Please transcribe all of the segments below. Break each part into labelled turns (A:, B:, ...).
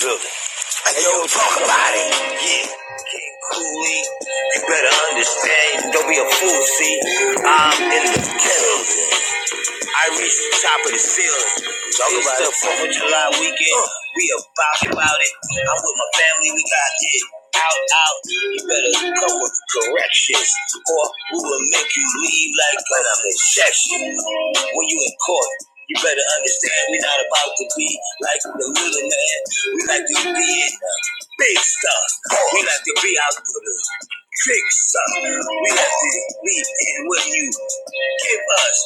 A: building. I know we talk about it. Yeah. King Cooley, you better understand. Don't be a fool, see. I'm in the building. I reached the top of the ceiling. Talk about the it. Fourth of July weekend. Uh. We about about it. I'm with my family. We got it out out. You better come with corrections, or we will make you leave like an objection. When you in court, you better understand, we not about to be like the little man. We like to be in the big stuff. We like to be out to the big stuff. We like to be in what you give us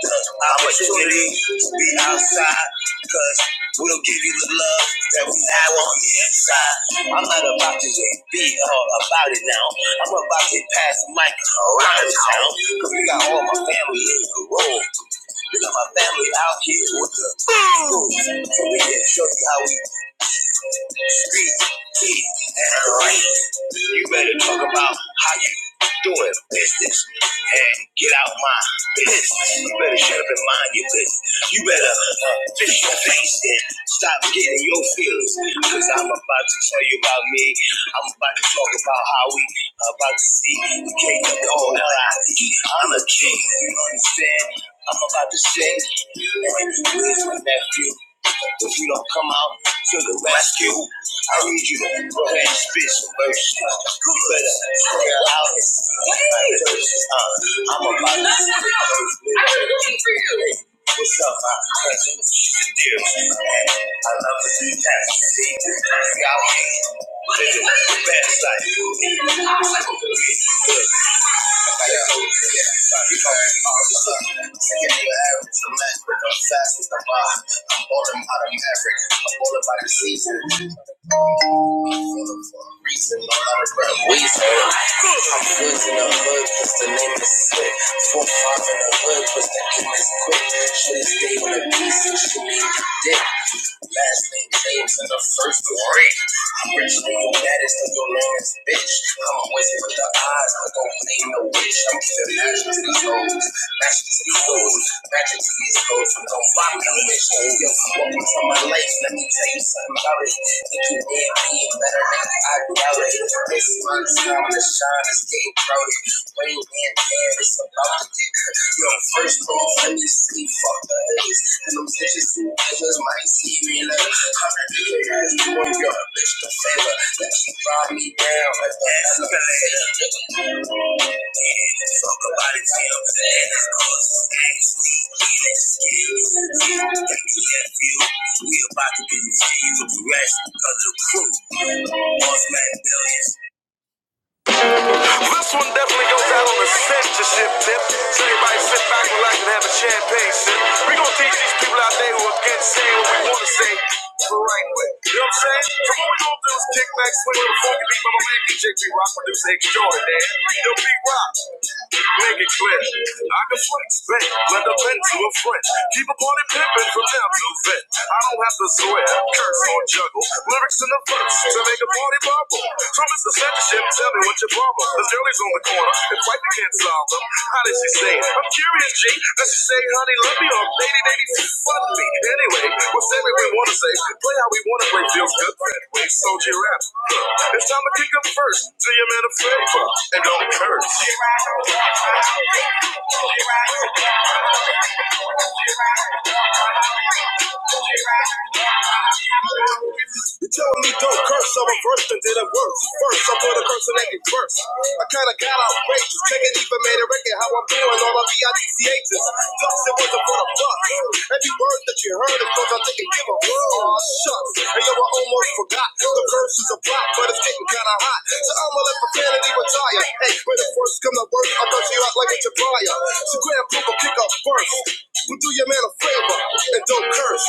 A: the opportunity to be outside. Cause we'll give you the love that we have on the inside. I'm not about to just be all about it now. I'm about to pass the mic around town. Cause we got all my family in the room. You got my family out here with the crew. So we can show you how we Speak, eat, and write. You better talk about how you doing business and get out my business. You better shut up and mind your business. You better uh, fix your face and stop getting your feelings. Cause I'm about to tell you about me. I'm about to talk about how we about to see the king of the whole L.I.E. I'm a king. You understand? I'm about to sing. And where's my nephew? If you don't come out to the rescue, I need you to go ahead and spit some verses. You better swear out. Uh, I'm about to. I was looking for you. What's up, my cousin? I love the new See, y'all. hate. Nigga, bad side. I'm balling out of Maverick. I'm balling by the season. For a Reason, no matter where I'm wheezing. I'm woods in the hood, cause the name is slick. Four five in the hood, cause the game is quick. Should have stayed with a piece. should be dick. Last name James and the first Rick. I'm rich than your baddest and your last bitch. I'm with it with the eyes, but don't play no bitch. I'm giving magic to these hoes, magic to these hoes, magic to these hoes. So don't rock no bitch. Yo, welcome to my life. Let me tell you something about it. Think you did being better than I doubt it. This is my time to shine. It's getting crowded. Rain and air, it's about to No, first of all, let me see fuck the haters. And them bitches who haters might see me later. I'm a big doing your bitch a favor. Let you drive me down like the escalator. Fuck about it, feel I'm saying it's cause it's actually getting skills. Got me that We about to continue the rest of the crew. Boss man billions. This one definitely goes out on a censorship tip. So everybody sit back, relax, and have a champagne sip. We gonna teach these people out there who are against saying what we wanna say. the Right way. You know what I'm saying? So what we gonna do is kick back, swing with a funky beat by my man DJ B Rock, producer extraordinaire. Yo, B Rock, make it clear. I can flex, bend, blend a bend to a friend. Keep a party pimpin' from now till then. I don't have to swear, curse or juggle. Lyrics in the verse to make a party bubble. Trumpets the censorship, tell me what you borrow. The girlie's on the corner, and wife you can't solve them. How did she say? it? I'm curious, G. Does she say, honey, love me or lady, baby, fuck me? Anyway, we'll say what we wanna say. Play how we wanna play, feels good that way. Soldier rap. It's time to kick up first. Do your man a favor, and don't curse. You telling me don't curse, I'm a first and did it worse. First, I put a curse in every verse. I kinda got outrageous, taking even made a record how I'm doing all my B-I-D-C-H's. Thus, it wasn't for the fuck. Every word that you heard is cause I didn't give a fuck. Shucks, and yo, I almost forgot. The curse is a block, but it's getting kinda hot. So I'ma let profanity retire. Hey, when the first come to worst, I'll bust you out like a Jabriah. So grab, pump, a kick up first. But do your man a favor and don't curse.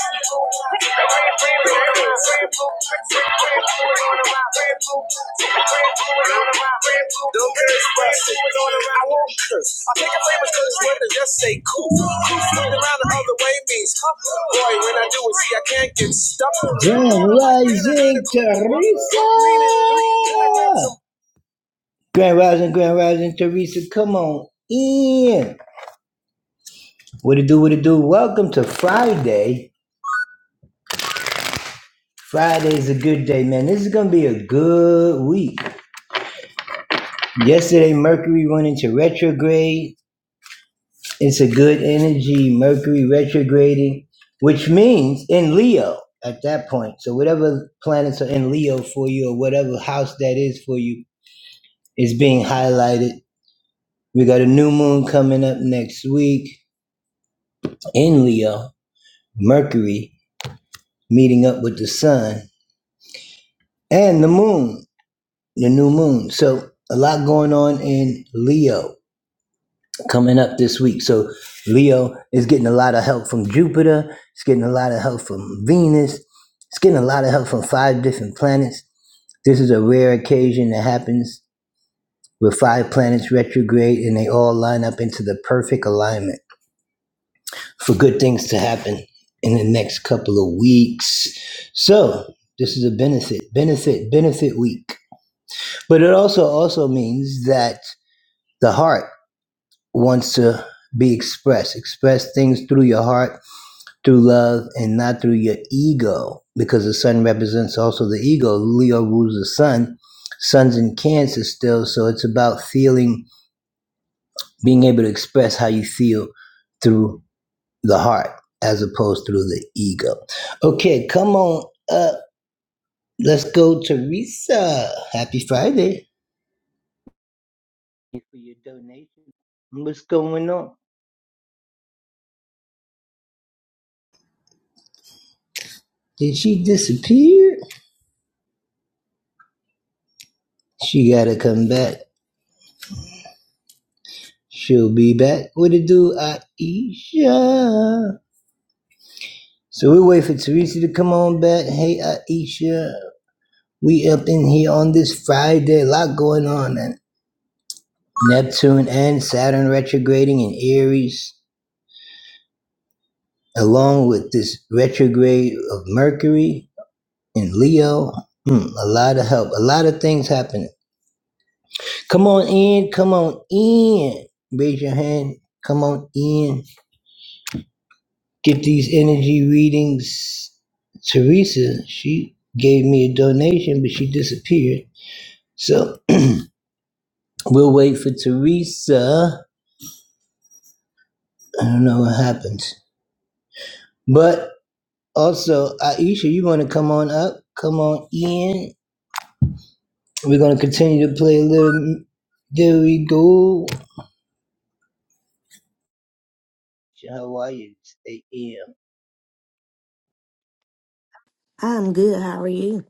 B: I'm good. How are you?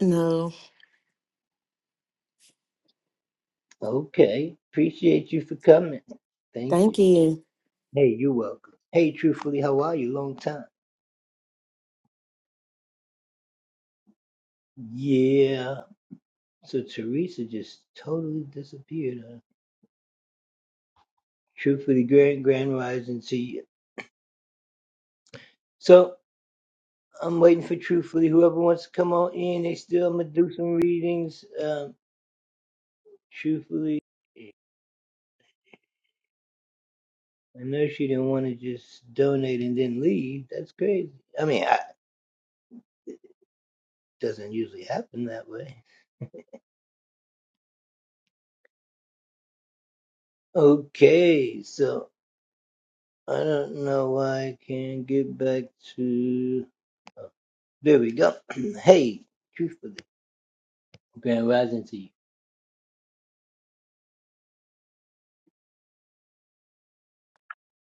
B: No, thank you.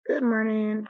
C: Good morning.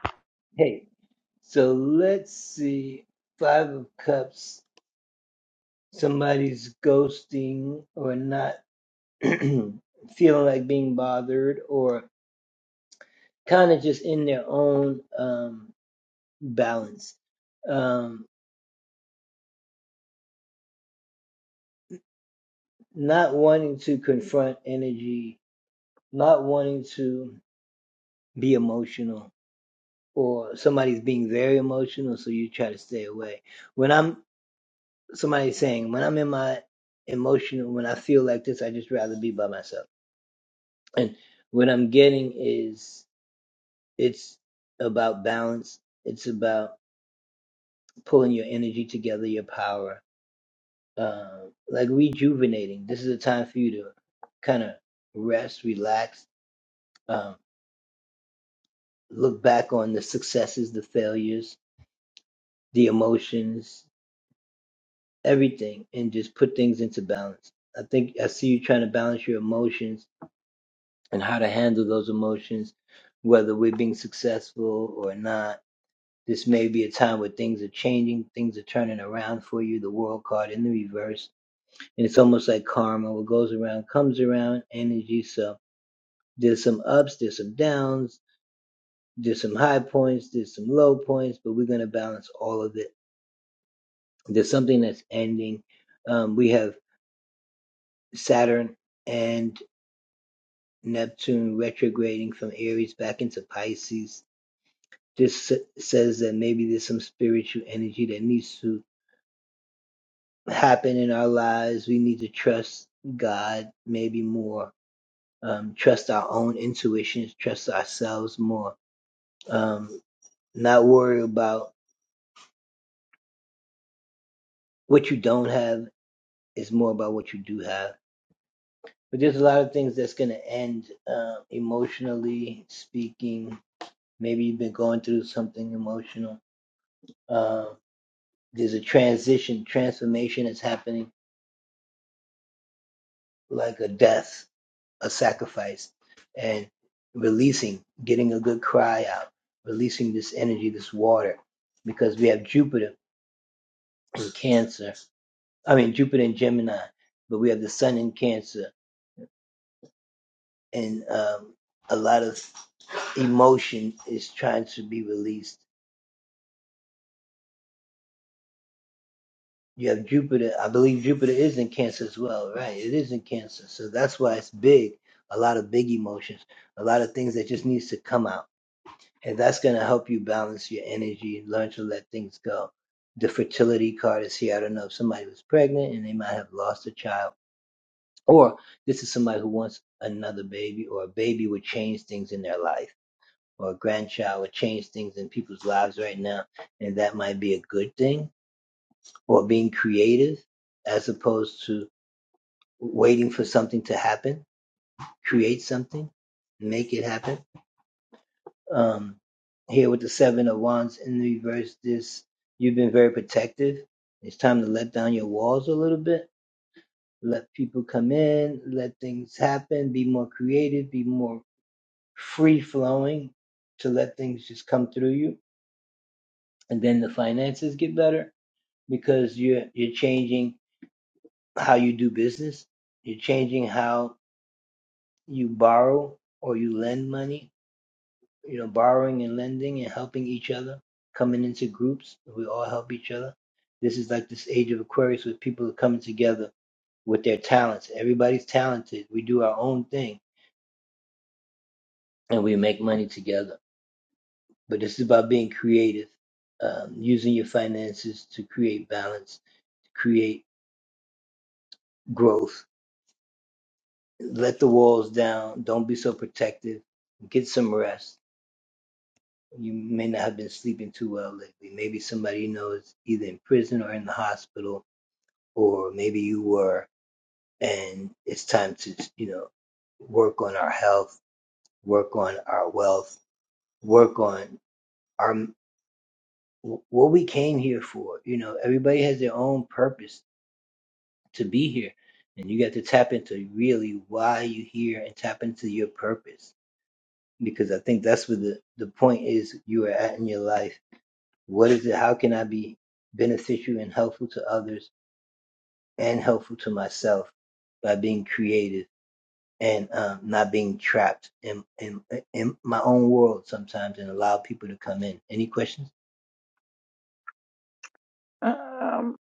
C: Um,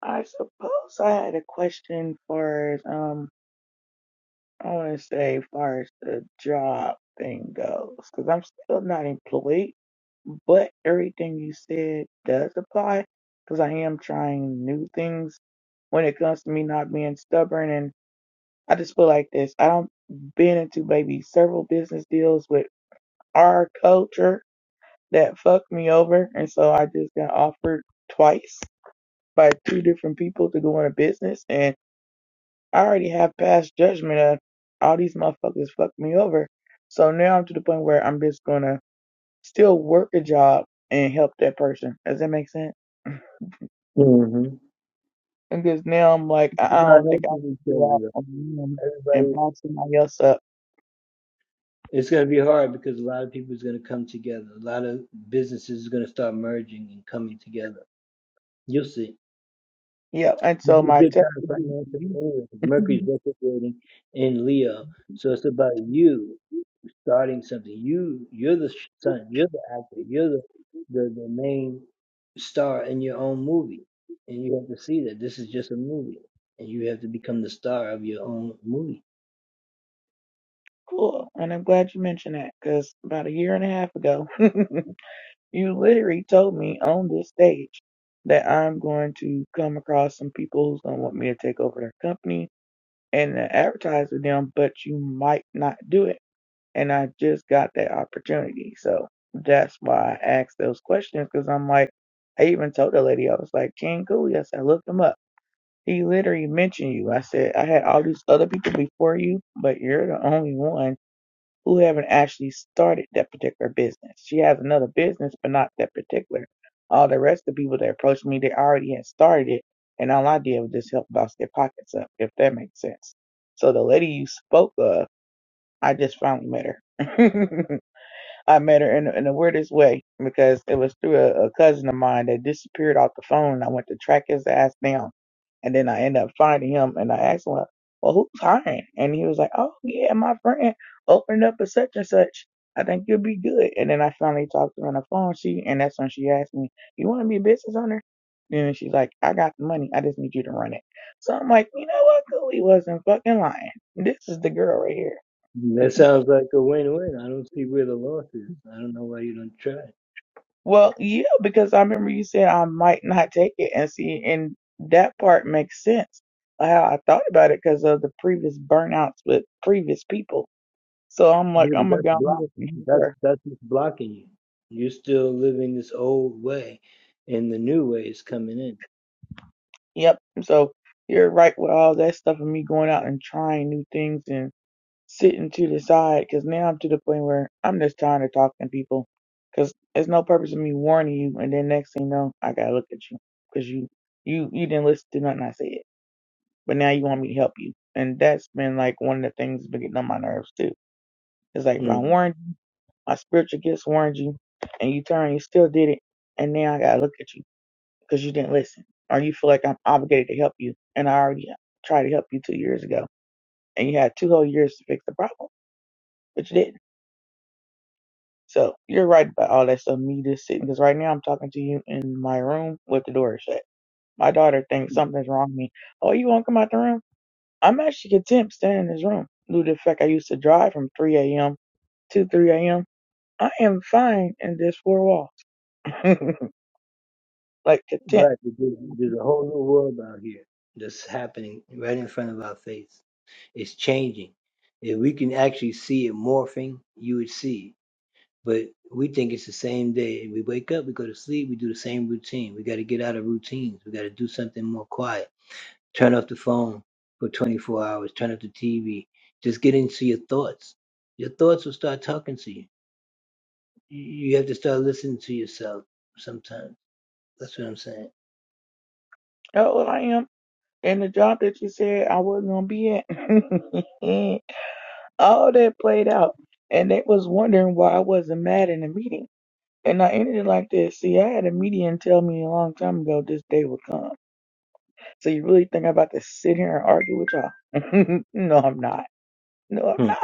C: I suppose I had a question for um, I want to say as far as the job thing goes, because I'm still not employed, but everything you said does apply, because I am trying new things when it comes to me not being stubborn, and I just feel like this. I don't been into maybe several business deals with our culture that fucked me over, and so I just got offered twice by two different people to go into business and I already have past judgment of all these motherfuckers fucked me over. So now I'm to the point where I'm just gonna still work a job and help that person. Does that make sense? Because now I'm like, I I don't think I can go out on a limb and box somebody else up. Yeah, and so my testimony to you- cool. And I'm glad you mentioned that because about a year and a half ago, You literally told me on this stage that I'm going to come across some people who's going to want me to take over their company and to advertise with them, but you might not do it. And I just got that opportunity. So that's why I asked those questions because I'm like, I even told the lady, I was like, King Cooley, I said, look him up. He literally mentioned you. I said, I had all these other people before you, but you're the only one who haven't actually started that particular business. She has another business, but not that particular. All the rest of the people that approached me, they already had started it, and all I did was just help bounce their pockets up, if that makes sense. So the lady you spoke of, I just finally met her. I met her in, in the weirdest way because it was through a, a cousin of mine that disappeared off the phone. I went to track his ass down, and then I ended up finding him. And I asked him, "Well, who's hiring?" And he was like, "Oh yeah, my friend opened up a such and such. I think you'll be good." And then I finally talked to her on the phone. She and that's when she asked me, "You want to be a business owner?" And she's like, "I got the money. I just need you to run it." So I'm like, "You know what? Cool. He wasn't fucking lying. This is the girl right here." Well, yeah, because I remember you saying I might not take it and see, and that part makes sense. How I thought about it because of the previous burnouts with previous people. So I'm like, I'm gonna go on here and help her. Yep. So you're right with all that stuff of me going out and trying new things and sitting to the side because now I'm to the point where I'm just trying to talk to people because there's no purpose in me warning you and then next thing you know, I gotta look at you because you you you didn't listen to nothing I said. but now you want me to help you. And that's been like one of the things that's been getting on my nerves too. It's like if I warned you, my spiritual gifts warned you, and you turned, you still did it, and now I gotta look at you because you didn't listen, or you feel like I'm obligated to help you, and I already tried to help you two years ago, and you had two whole years to fix the problem, but you didn't. So you're right about all that stuff. Me just sitting because right now I'm talking to you in my room with the door shut. My daughter thinks something's wrong with me. Oh, you won't come out the room? I'm actually content staying in this room due to the fact I used to drive from 3 a.m. to 3 a.m. I am fine in this four walls, like content. Oh, I am. And the job that you said I wasn't gonna be at, all that played out, and they was wondering why I wasn't mad in the meeting. And I ended it like this. See, I had a median tell me a long time ago this day would come. So you really think I'm about to sit here and argue with y'all? no, I'm not. No, I'm not.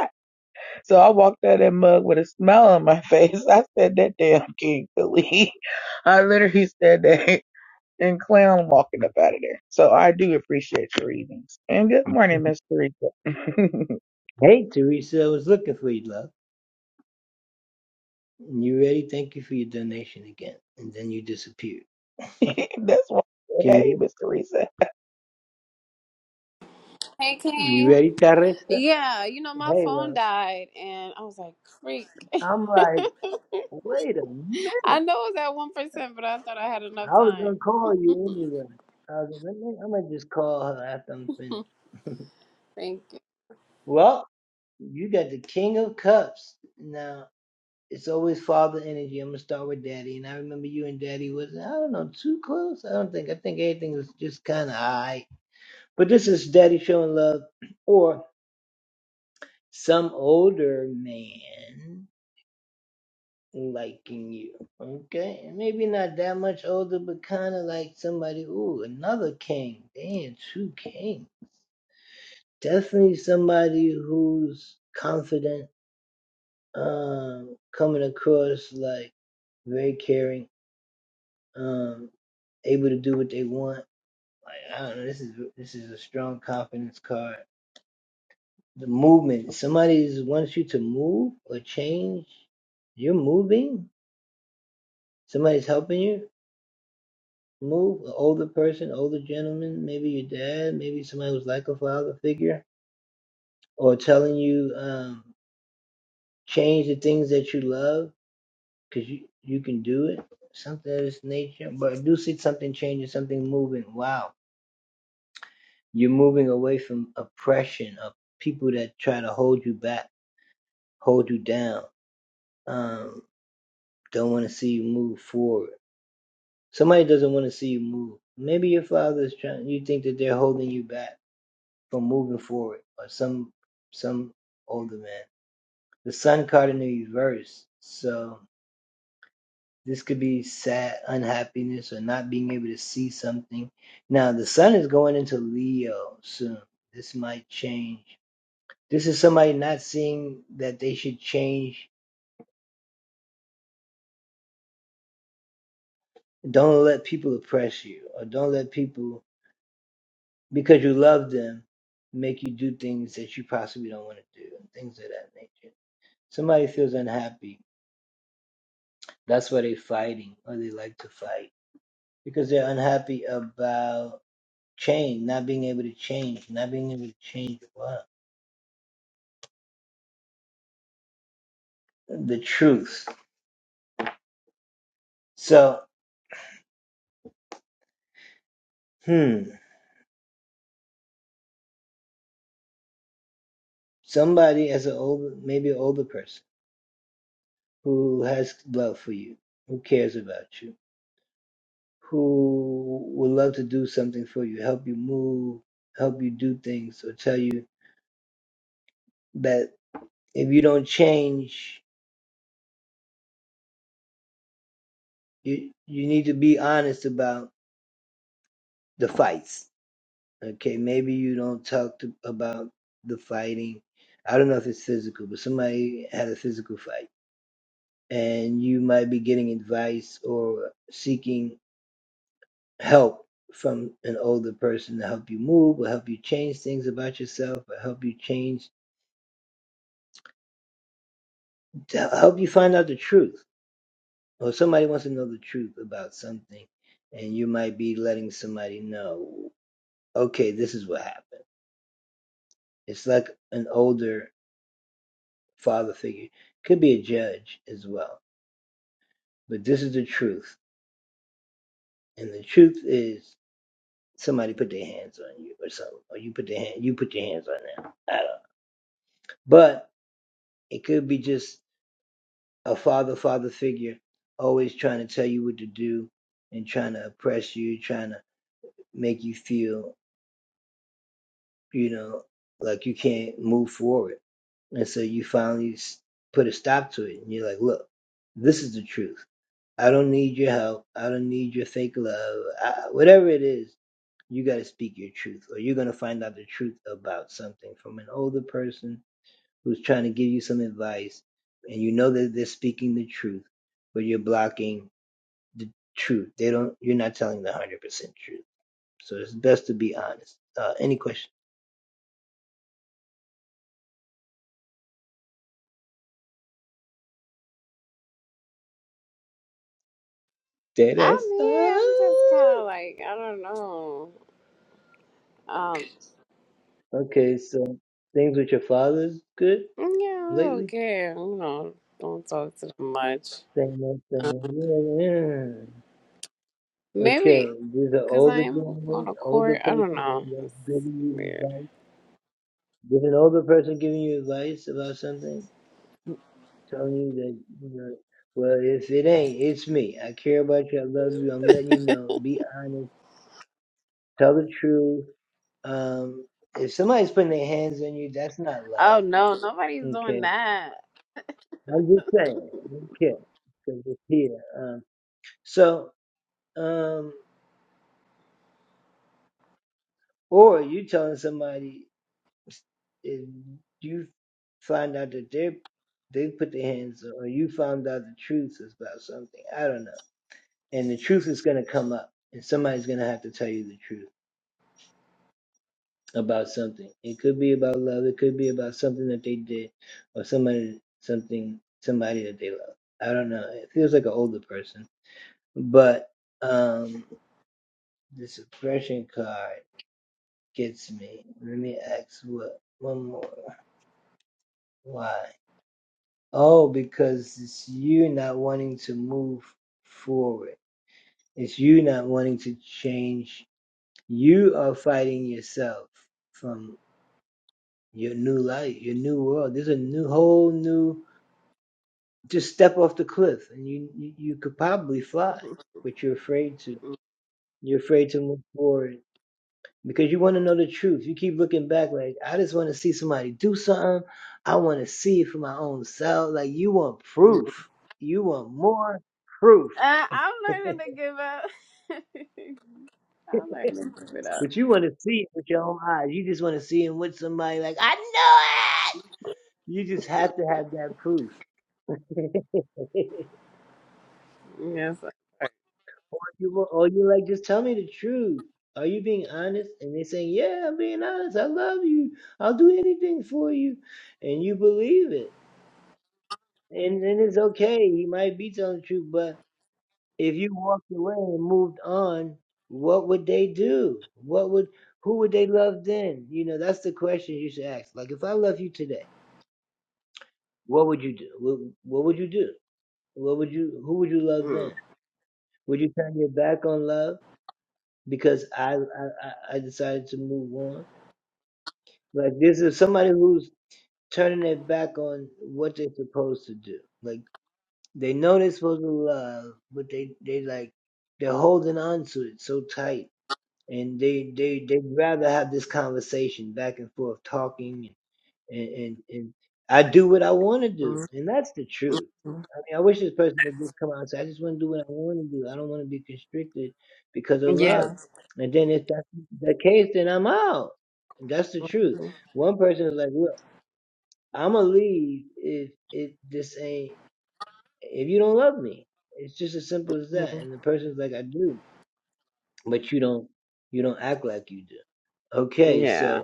C: So I walked out of that mug with a smile on my face. I said that damn King Philly. I literally said that and clown walking up out of there. So I do appreciate your readings. And good morning, Miss Teresa. That's why I said, hey, Miss Teresa.
D: Hey, King. Yeah, you know, my phone died, and I was like, creak. I know it was at 1%, but I thought I had enough time. Thank you. I'm here. I'm just kind of like, I don't know. Um, yeah, I'm okay. You know, don't talk to them much. Um, maybe because I am going to court. I don't know. It's weird. Oh, no. Nobody's doing that. Mm-mm. Uh, I'm learning to give up. I'm learning to give it up. Yes. Mm. Mm. Yeah. Mhm. Mhm. Yeah.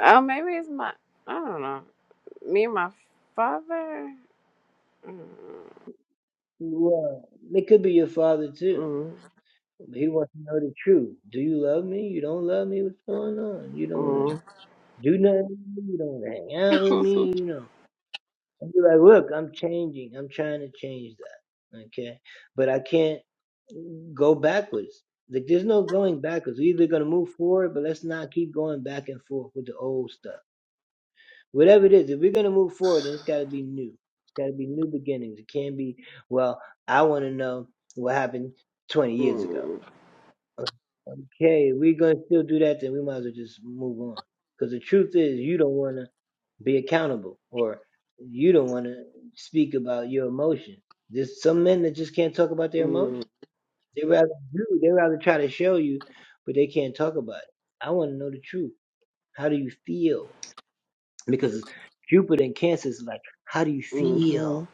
D: Oh, maybe it's my. I don't know. Me and my father. Mm, mm, mm, mm, mm, mhm.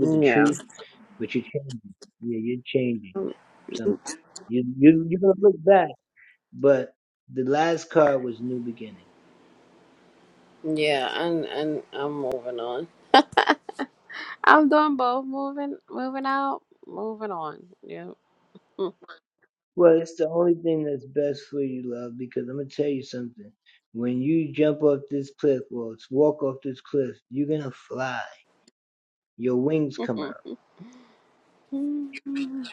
D: Yeah, Mm, yeah, and and I'm moving on. I'm doing both, moving, moving out, moving on. Yeah. Mm, mm, mm.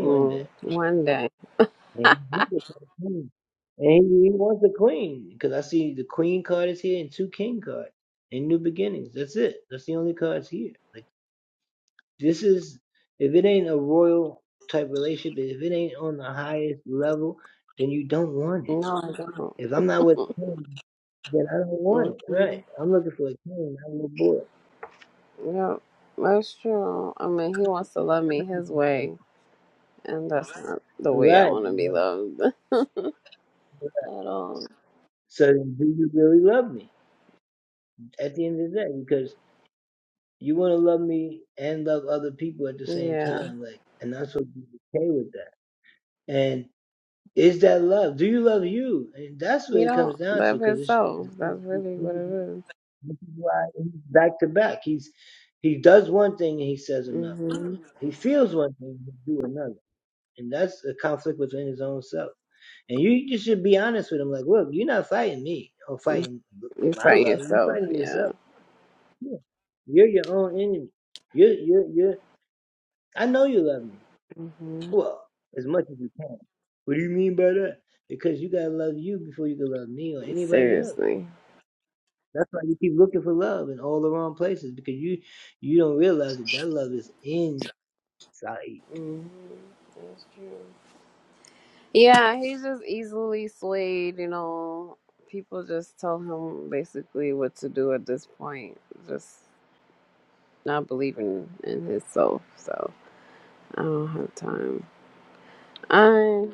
D: Mm, One day. No, I don't. Mm-hmm. Yeah, that's true. I mean, he wants to love me his way, and that's not the way I want to be loved at all. Yeah, he don't love himself. That's really what it is. Mm-hmm. You you fight yourself. Yeah. hmm Seriously. hmm That's true. Yeah, he's just easily swayed. You know, people just tell him basically what to do at this point. Just not believing in himself. So. I don't have time. I'm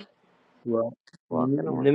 D: walking away.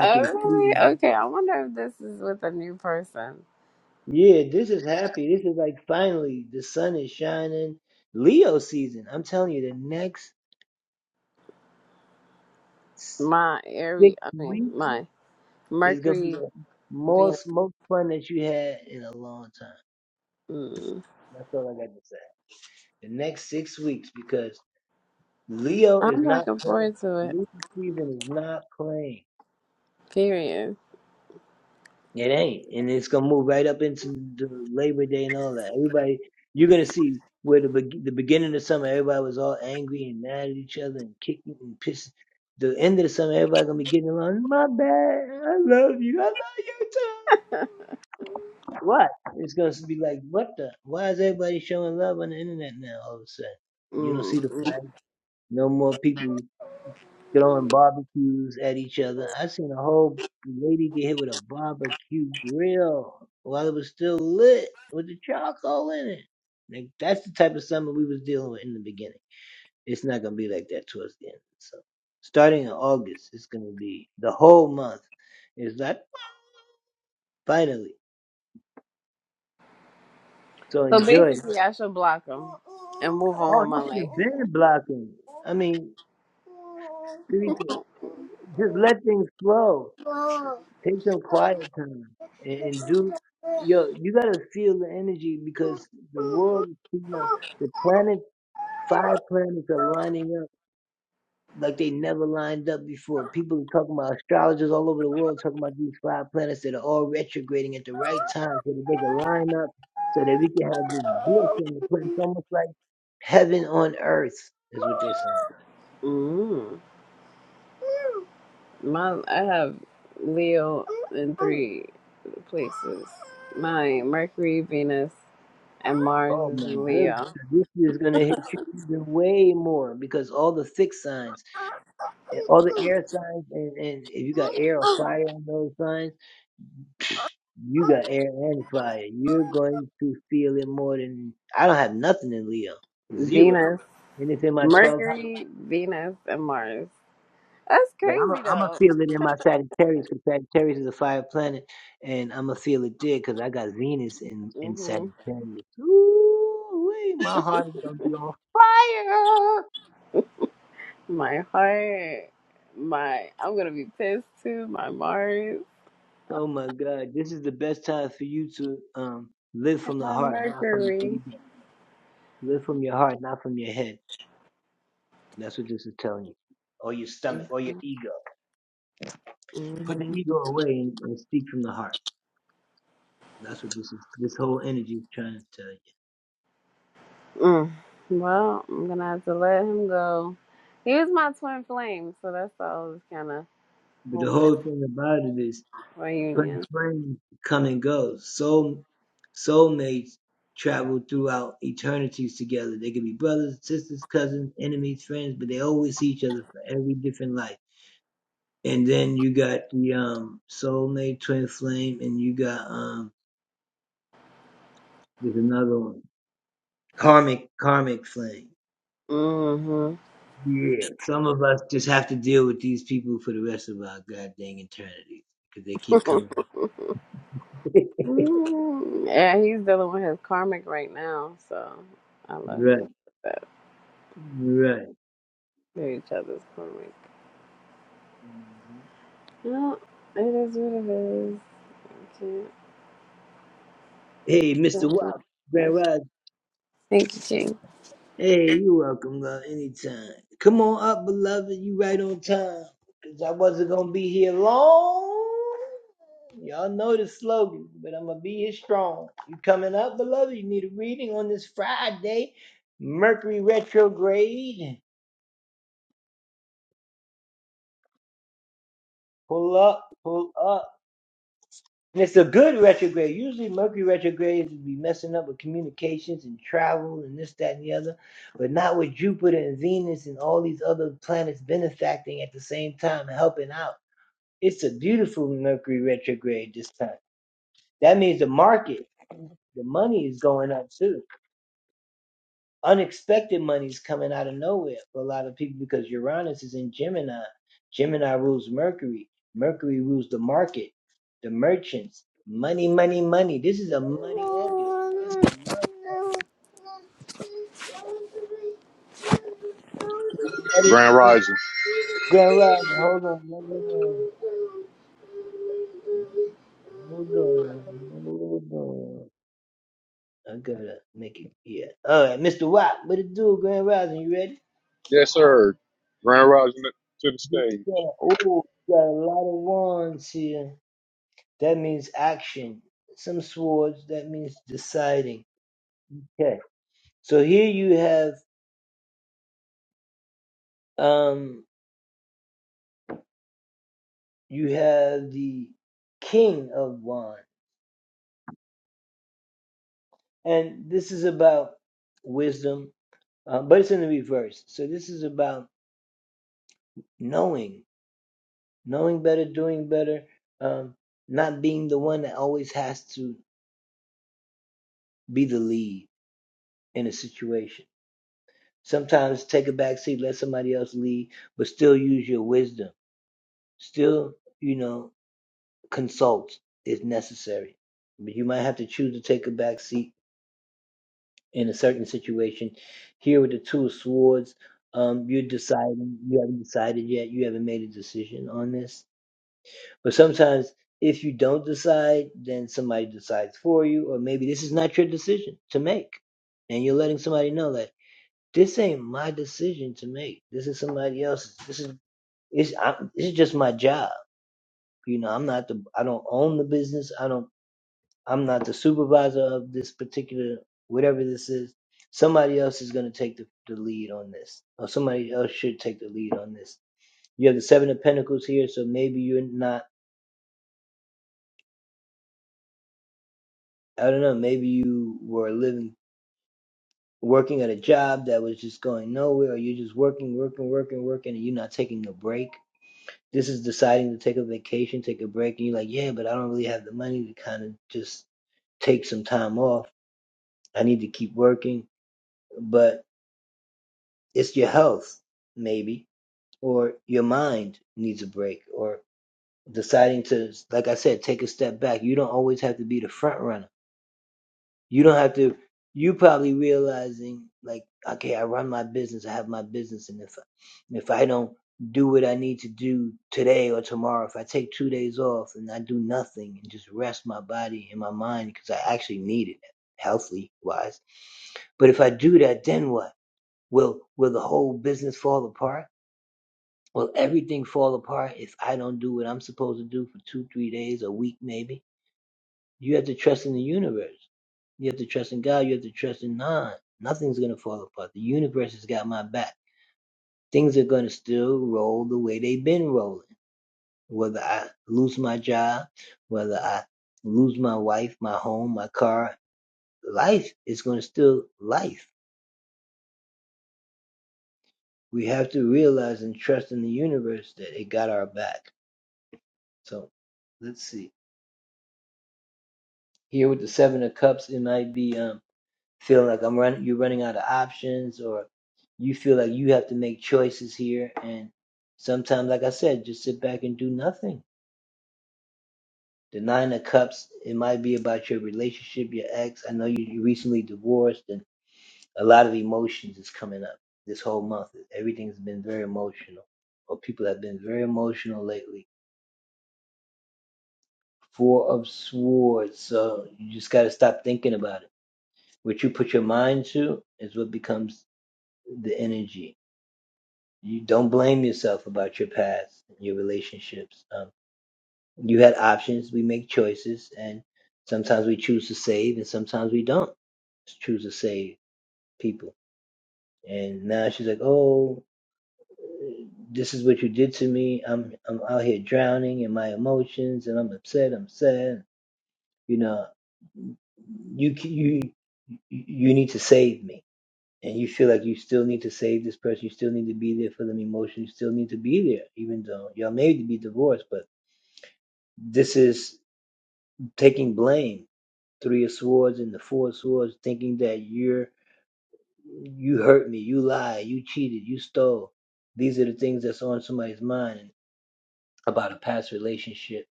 D: Oh, really? Okay. I wonder if this is with a new person. My Aries, I mean, my Mercury, Venus. Mm. I'm looking forward to it. Period. Mm. So basically, I should block him and move on with my life. Mm. My, I have Leo in three places. My Mercury, Venus, and Mars is in Leo. Venus, Mercury, Venus, and Mars. That's crazy though. hmm My heart, my I'm gonna be pissed too. My Mars, and my Mercury. Mm-hmm. Mm. Well, I'm gonna have to let him go. He was my twin flame, so that's why I was kind of hoping for a union. hmm yeah, he's dealing with his karmic right now, so I let him do that. They're each other's karmic. No, it is what it is. I can't. I don't know. Thank you, King.
E: Grand Rising.
D: Thank you.
E: Yes, sir. Grand Rising to the stage.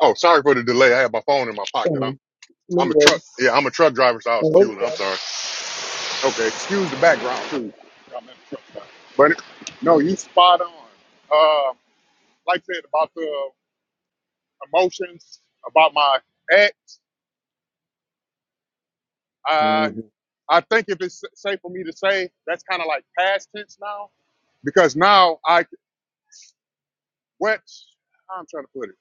E: Oh, sorry for the delay. I had my phone in my pocket. I'm I'm a truck. Yeah, I'm a truck driver, so I was fueling. I'm sorry. Okay, excuse the background too. I'm in a truck stop. But no, you spot on. Uh, like I said about the emotions, about my ex. I I think if it's safe for me to say, that's kind of like past tense now because now I what I'm trying to put it.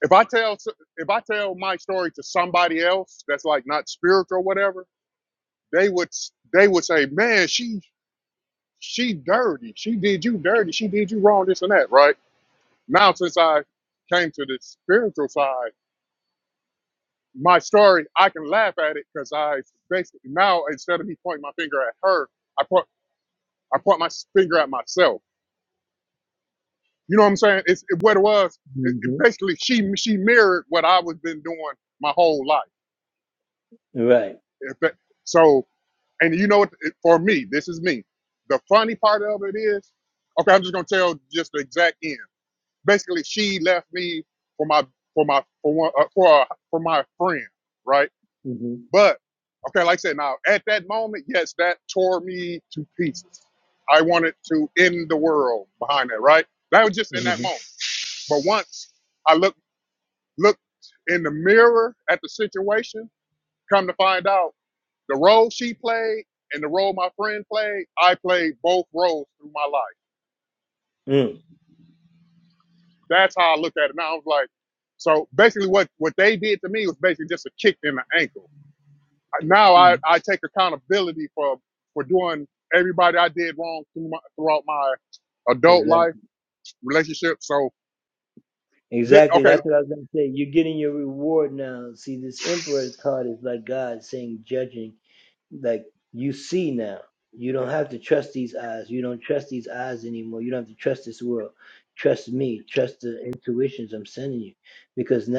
E: If I tell if I tell my story to somebody else that's like not spiritual or whatever, they would they would say, "Man, she she dirty. She did you dirty. She did you wrong. This and that." Right now, since I came to the spiritual side, my story I can laugh at it because I basically now instead of me pointing my finger at her, I point I point my finger at myself. You know what I'm saying? It's it, what it was. It, it basically she she mirrored what I was been doing my whole life. If that, so And you know what? For me, this is me. The funny part of it is, okay, I'm just gonna tell just the exact end. Basically, she left me for my for my for one uh, for uh, for my friend, right? But okay, like I said, now at that moment, yes, that tore me to pieces. I wanted to end the world behind that, right? That was just in that moment. But once I look looked in the mirror at the situation, come to find out. The role she played and the role my friend played, I played both roles through my life. That's how I looked at it. And I was like, so basically what, what they did to me was basically just a kick in the ankle. Now I, I take accountability for, for doing everybody I did wrong through my, throughout my adult life, relationship. So, thi- okay.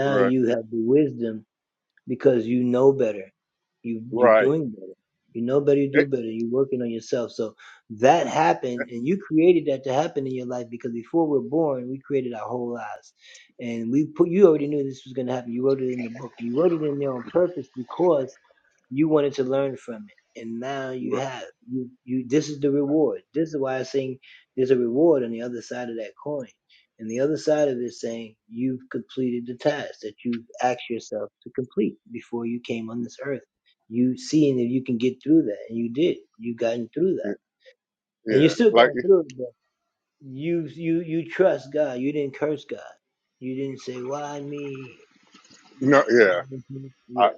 E: Right. Right. It, right. Yeah. yeah. Like, no, yeah. I,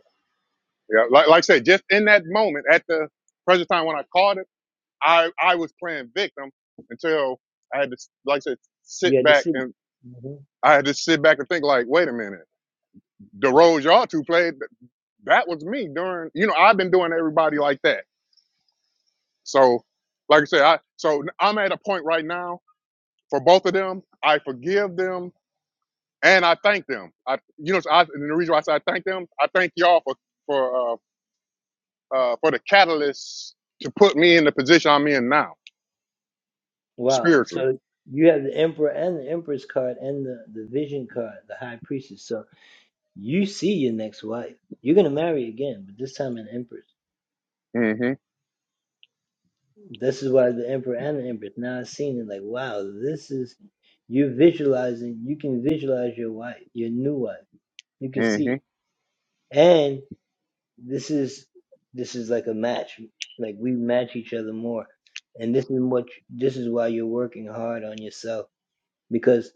E: yeah. Like, like I said, just in that moment at the present time when I called I I was playing victim until I had to, like I said, sit back and I had to sit back and think like, wait a minute, the roles y'all two played, that was me during. You know, I've been doing everybody like that. So, like I said, I so I'm at a point right now for both of them. I forgive them and I thank them. I you know, so I, and the reason why I say I thank them, I thank y'all for for uh, uh, for the catalyst to put me in the position I'm in now spiritually. Mm-hmm. Mm-hmm.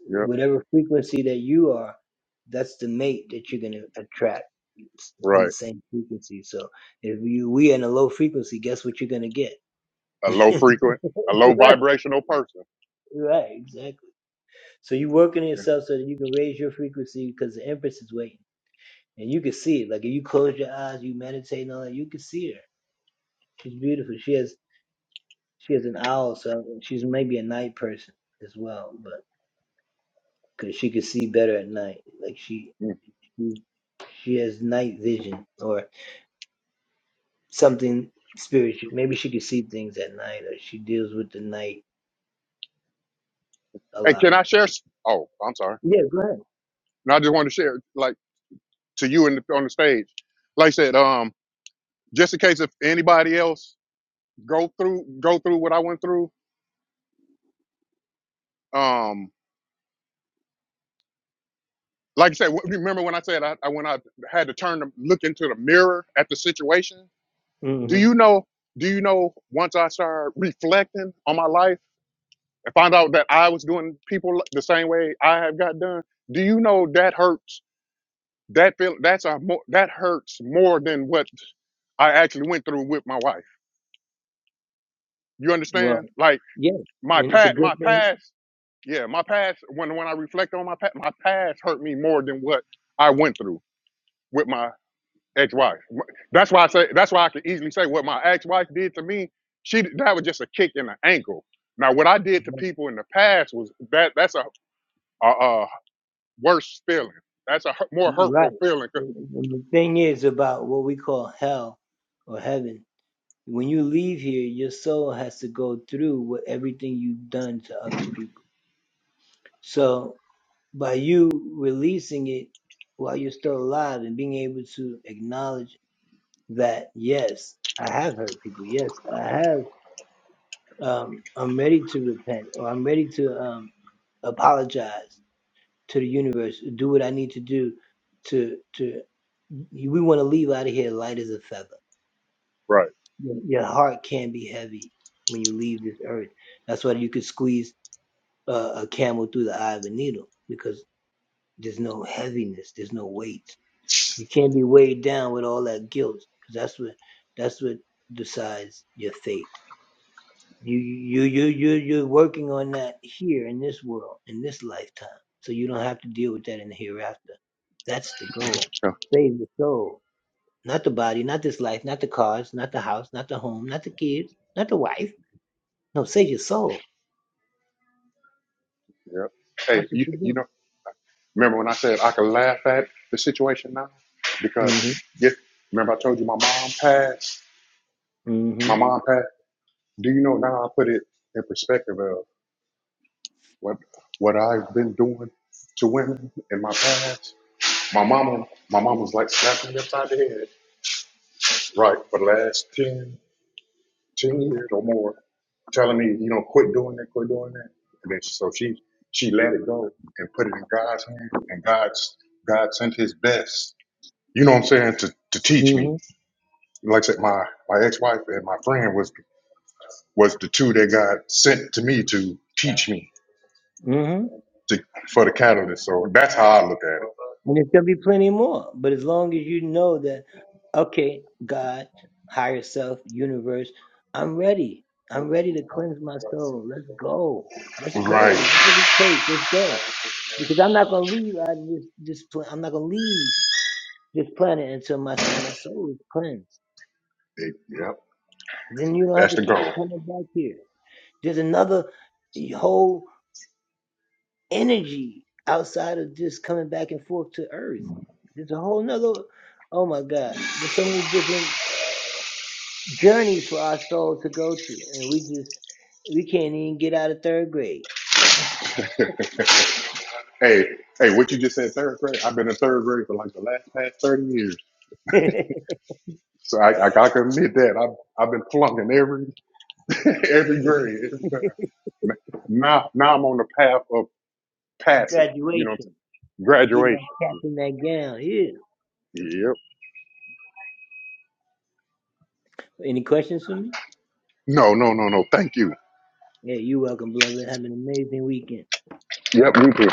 E: Yep. Right. a low frequent, a low vibrational person. Yeah. Mm. And can I share? s- Oh, I'm sorry. No, I just wanted to share, like, to you in the, on the stage. Like I said, um, just in case if anybody else go through go through what I went through. Um, like I said, wh- remember when I said I, I when I had to turn to look into the mirror at the situation. Do you know? Do you know? Once I started reflecting on my life and found out that I was doing people the same way I have got done. Do you know that hurts That feel that's a more that hurts more than what I actually went through with my wife. You understand? Like my pat my past, yeah, my past when when I reflect on my past, my past hurt me more than what I went through with my ex-wife. That's why I say that's why I can easily say what my ex-wife did to me, she that was just a kick in the ankle. Now what I did to people in the past was that that's a a, a worse feeling. That's a hu- more hurtful feeling. 'cause- Right. Yeah. yeah. Hey, you you know. Remember when I said I could laugh at the situation now? Because, yeah, remember I told you my mom passed? My mom passed. Do you know now I put it in perspective of what what I've been doing to women in my past? My mama, my mama was like slapping me upside the head, right, for the last 10 10 years or more, telling me, you know, quit doing that, quit doing that. And then so she she let it go and put it in God's hand, and God's God sent His best, you know what I'm saying, to to teach me like I said, my my ex wife and my friend was was the two that got sent to me to teach me to for the catalyst. So that's how I look at it. Right. Hey, Yep. That's the goal. Hey, hey, what you just said, third grade? I've been in third grade for like the last past thirty years. So I, I, I can admit that I've I've been flunking every every grade every time. Now now I'm on the path of passing. You know, graduation. Yep. No, no, no, no. Thank you. Yep, you too.